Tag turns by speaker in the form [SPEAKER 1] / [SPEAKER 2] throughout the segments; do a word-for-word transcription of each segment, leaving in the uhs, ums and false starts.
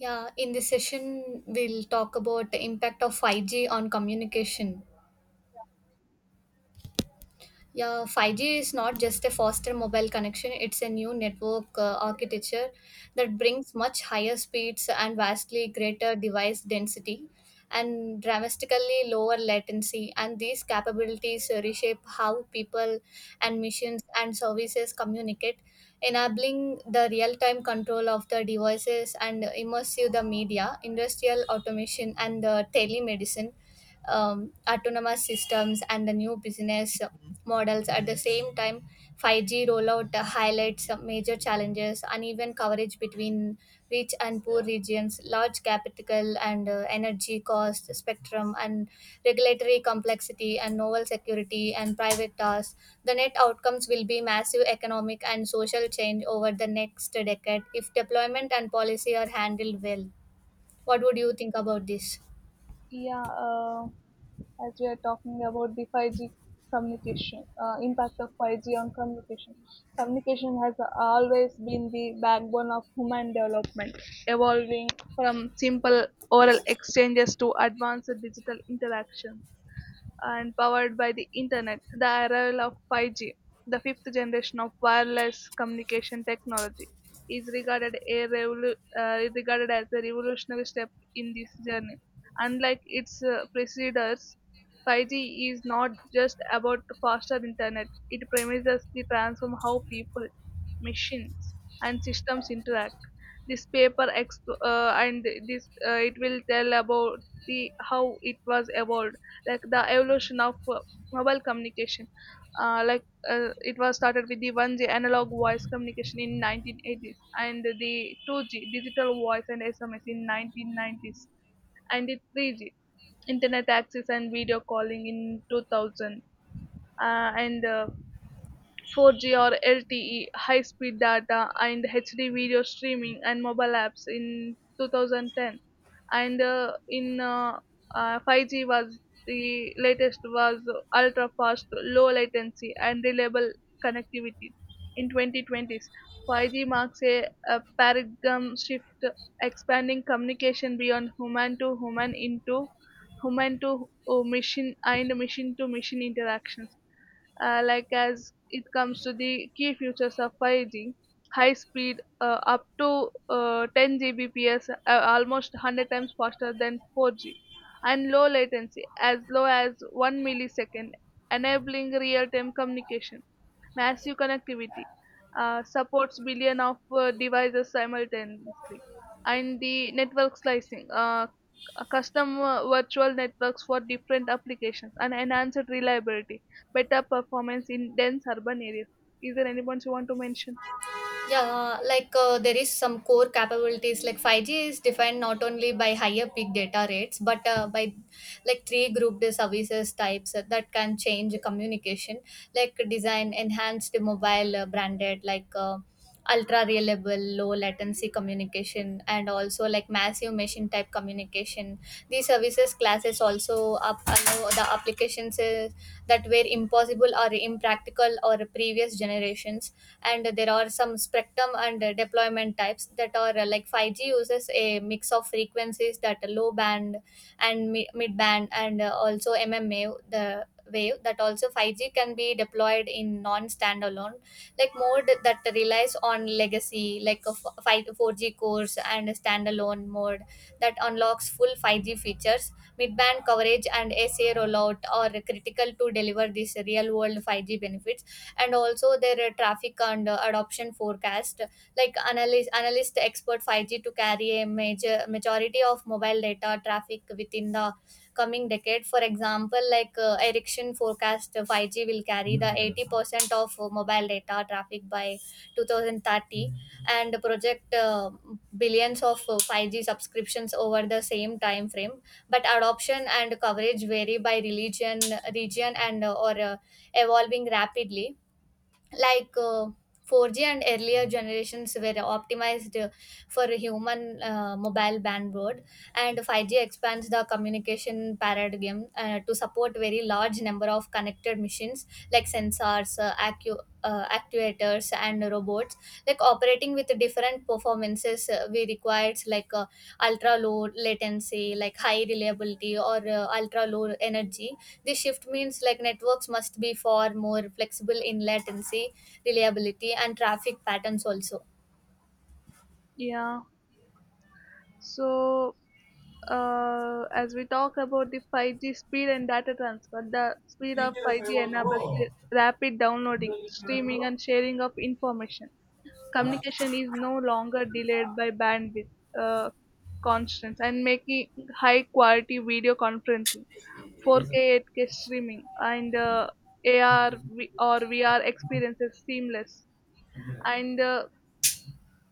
[SPEAKER 1] Yeah, in this session, we'll talk about the impact of five G on communication. Yeah, five G is not just a faster mobile connection, it's a new network uh, architecture that brings much higher speeds and vastly greater device density and dramatically lower latency. And these capabilities uh, reshape how people and missions and services communicate, enabling the real time control of the devices and immersive the media, industrial automation, and the telemedicine, um, autonomous systems and the new business models. At the same time, five G rollout uh, highlights some major challenges: uneven coverage between rich and poor regions, large capital and uh, energy cost spectrum, and regulatory complexity and novel security and private tasks. The net outcomes will be massive economic and social change over the next decade if deployment and policy are handled well. What would you think about this?
[SPEAKER 2] Yeah, uh, as we are talking about the five G communication, uh, impact of five G on communication. Communication has always been the backbone of human development, evolving from simple oral exchanges to advanced digital interactions and powered by the internet, the arrival of five G, the fifth generation of wireless communication technology, is regarded, a revolu- uh, is regarded as a revolutionary step in this journey. Unlike its uh, preceders, five G is not just about faster internet, it promises to transform how people, machines, and systems interact. This paper exp- uh, and this uh, It will tell about the how it was evolved like the evolution of uh, mobile communication. Uh, like uh, it was started with the one G analog voice communication in nineteen eighties and the two G digital voice and S M S in nineteen nineties and the three G internet access and video calling in two thousand uh, and uh, four G or L T E, high speed data, and H D video streaming and mobile apps in twenty ten. And uh, in uh, uh, five G was the latest, was ultra fast, low latency, and reliable connectivity. In twenty twenties, five G marks a, a paradigm shift, expanding communication beyond human to human into human to uh, machine and machine to machine interactions. Uh, like as it comes to the key features of five G, high speed uh, up to uh, ten Gbps, uh, almost one hundred times faster than four G, and low latency as low as one millisecond, enabling real time communication, massive connectivity, uh, supports billion of uh, devices simultaneously, and the network slicing, uh, c- custom uh, virtual networks for different applications, and enhanced reliability, better performance in dense urban areas. Is there any points you want to mention?
[SPEAKER 1] Yeah, like uh, there is some core capabilities, like five G is defined not only by higher peak data rates, but uh, by like three grouped services types that can change communication, like design enhanced mobile uh, branded, like uh, ultra reliable low latency communication and also like massive machine type communication. These services classes also up allow the applications uh, that were impossible or impractical or previous generations. And there are some spectrum and uh, deployment types that are uh, like five G uses a mix of frequencies that are low band and mi- mid band and uh, also mma the wave, that also five G can be deployed in non standalone like mode that relies on legacy like a f- five four G cores, and a standalone mode that unlocks full five G features. Midband coverage and A C A rollout are critical to deliver these real world five G benefits, and also their uh, traffic and uh, adoption forecast, like analyst analyst expert five G to carry a major majority of mobile data traffic within the coming decade. For example, like uh, ericsson forecast uh, five G will carry the eighty percent of uh, mobile data traffic by two thousand thirty, and project uh, billions of uh, five G subscriptions over the same time frame. But adoption and coverage vary by religion region and uh, or uh, evolving rapidly. Like uh, four G and earlier generations were optimized uh, for human uh, mobile bandwidth, and five G expands the communication paradigm uh, to support very large number of connected machines, like sensors, uh, accu- uh, actuators, and robot, like operating with different performances, uh, we required, like uh, ultra low latency, like high reliability or uh, ultra low energy. This shift means like networks must be far more flexible in latency, reliability and traffic patterns also.
[SPEAKER 2] Yeah, so uh, as we talk about the five G speed and data transfer, the speed of five G enables the rapid downloading, streaming, and sharing of information. Communication is no longer delayed by bandwidth uh, constraints, and making high quality video conferencing, four K eight K streaming, and uh, ar or vr experiences seamless. And uh,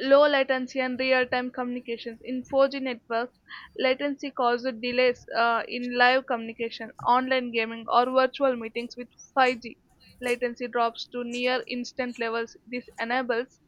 [SPEAKER 2] Low latency and real-time communications. In four G networks, latency caused delays uh, in live communication, online gaming, or virtual meetings. With five G, latency drops to near instant levels. This enables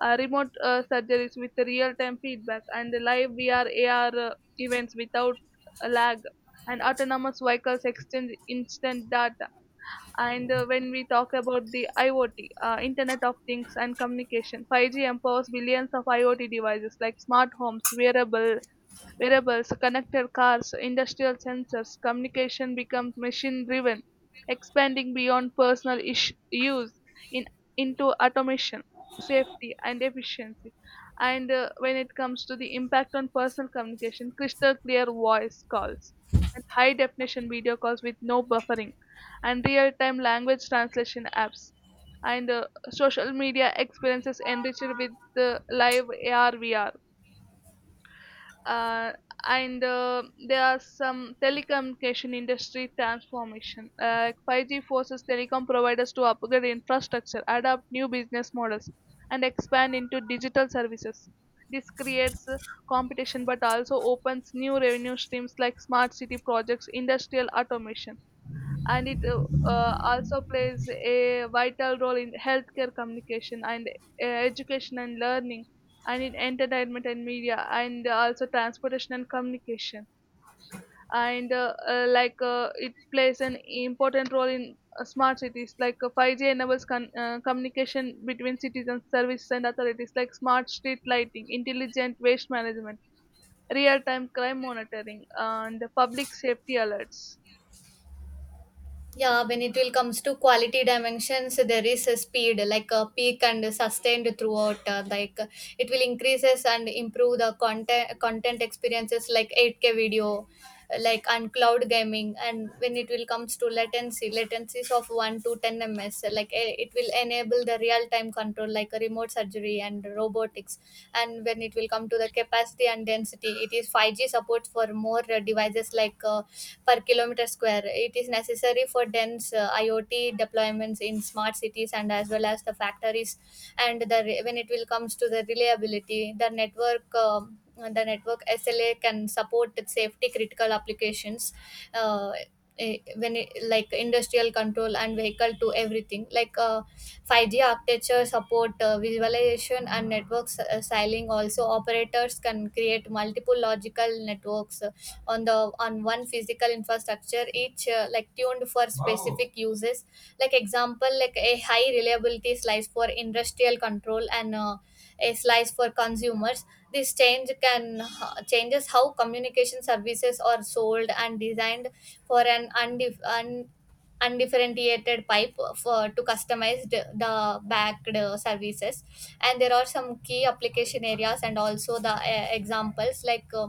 [SPEAKER 2] uh, remote uh, surgeries with real-time feedback and live V R A R uh, events without a lag. And autonomous vehicles exchange instant data. And uh, When we talk about the IoT, uh, Internet of Things and Communication, five G empowers billions of IoT devices like smart homes, wearable wearables, connected cars, industrial sensors. Communication becomes machine driven, expanding beyond personal ish- use, in, into automation, safety, and efficiency. And uh, When it comes to the impact on personal communication, crystal clear voice calls and high definition video calls with no buffering, and real time language translation apps. And uh, Social media experiences enriched with uh, live A R V R. Uh, and uh, There are some telecommunication industry transformation. Uh, five G forces telecom providers to upgrade infrastructure, adopt new business models, and expand into digital services. This creates uh, competition but also opens new revenue streams like smart city projects, industrial automation. And it uh, uh, Also plays a vital role in healthcare communication, and uh, education and learning, and in entertainment and media, and also transportation and communication. And uh, uh, like uh, It plays an important role in uh, smart cities. like uh, five G enables con- uh, communication between citizens, services, and authorities, like smart street lighting, intelligent waste management, real time crime monitoring, and public safety alerts.
[SPEAKER 1] Yeah, when it will comes to quality dimensions, there is a speed like a peak and sustained throughout. uh, like uh, it will increases and improve the content content experiences, like eight K video, uh, like and cloud gaming. And when it will comes to latency, latencies of one to ten milliseconds. uh, Like eh, it will enable the real time control, like a remote surgery and robotics. And when it will come to the capacity and density, it is five G support for more uh, devices like. Uh, per kilometer square. It is necessary for dense uh, I o T deployments in smart cities and as well as the factories. And the re- when it will comes to the reliability, the network. um the network S L A can support safety critical applications. Uh, eh, when it, like industrial control and vehicle to everything, like uh, five G architecture support uh, visualization and network s- uh, siling. Also, operators can create multiple logical networks uh, on the on one physical infrastructure, each uh, like tuned for specific uses, like example like a high reliability slice for industrial control and uh, a slice for consumers. This change can uh, changes how communication services are sold and designed, for an undif- un- undifferentiated pipe for to customize the, the backed uh, services. And there are some key application areas and also the uh, examples, like uh,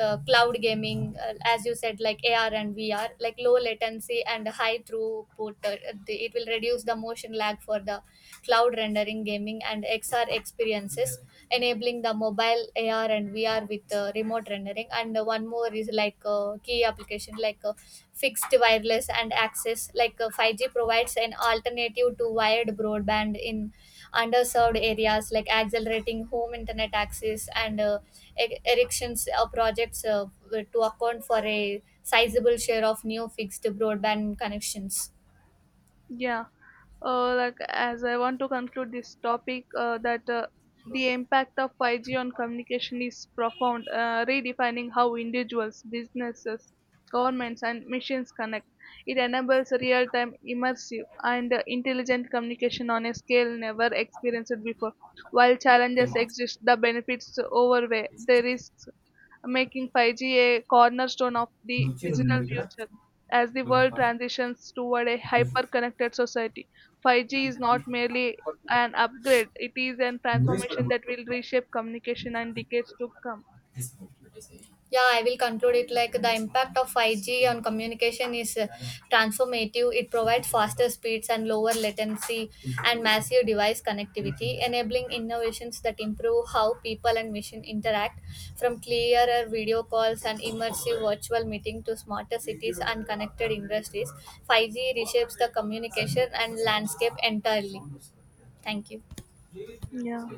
[SPEAKER 1] uh, cloud gaming, uh, as you said, like A R and V R, like low latency and high throughput. Uh, the- it will reduce the motion lag for the cloud rendering gaming and X R experiences, enabling the mobile A R and V R with uh, remote rendering. And uh, one more is, like uh, key application, like uh, fixed wireless and access, like uh, five G provides an alternative to wired broadband in underserved areas, like accelerating home internet access, and uh, e- erections uh, projects uh, to account for a sizable share of new fixed broadband connections.
[SPEAKER 2] Yeah. Uh, like as I want to conclude this topic, uh, that uh, the impact of five G on communication is profound, uh, redefining how individuals, businesses, governments, and machines connect. It enables real time, immersive, and uh, intelligent communication on a scale never experienced before. While challenges exist, the benefits overweigh the risks, making five G a cornerstone of the digital future. As the world transitions toward a hyper connected society, five G is not merely an upgrade, it is a transformation that will reshape communication and decades to come.
[SPEAKER 1] Yeah, I will conclude it like the impact of five G on communication is uh, transformative. It provides faster speeds and lower latency and massive device connectivity, enabling innovations that improve how people and machine interact, from clearer video calls and immersive virtual meeting to smarter cities and connected industries. five G reshapes the communication and landscape entirely. Thank you.
[SPEAKER 2] Yeah.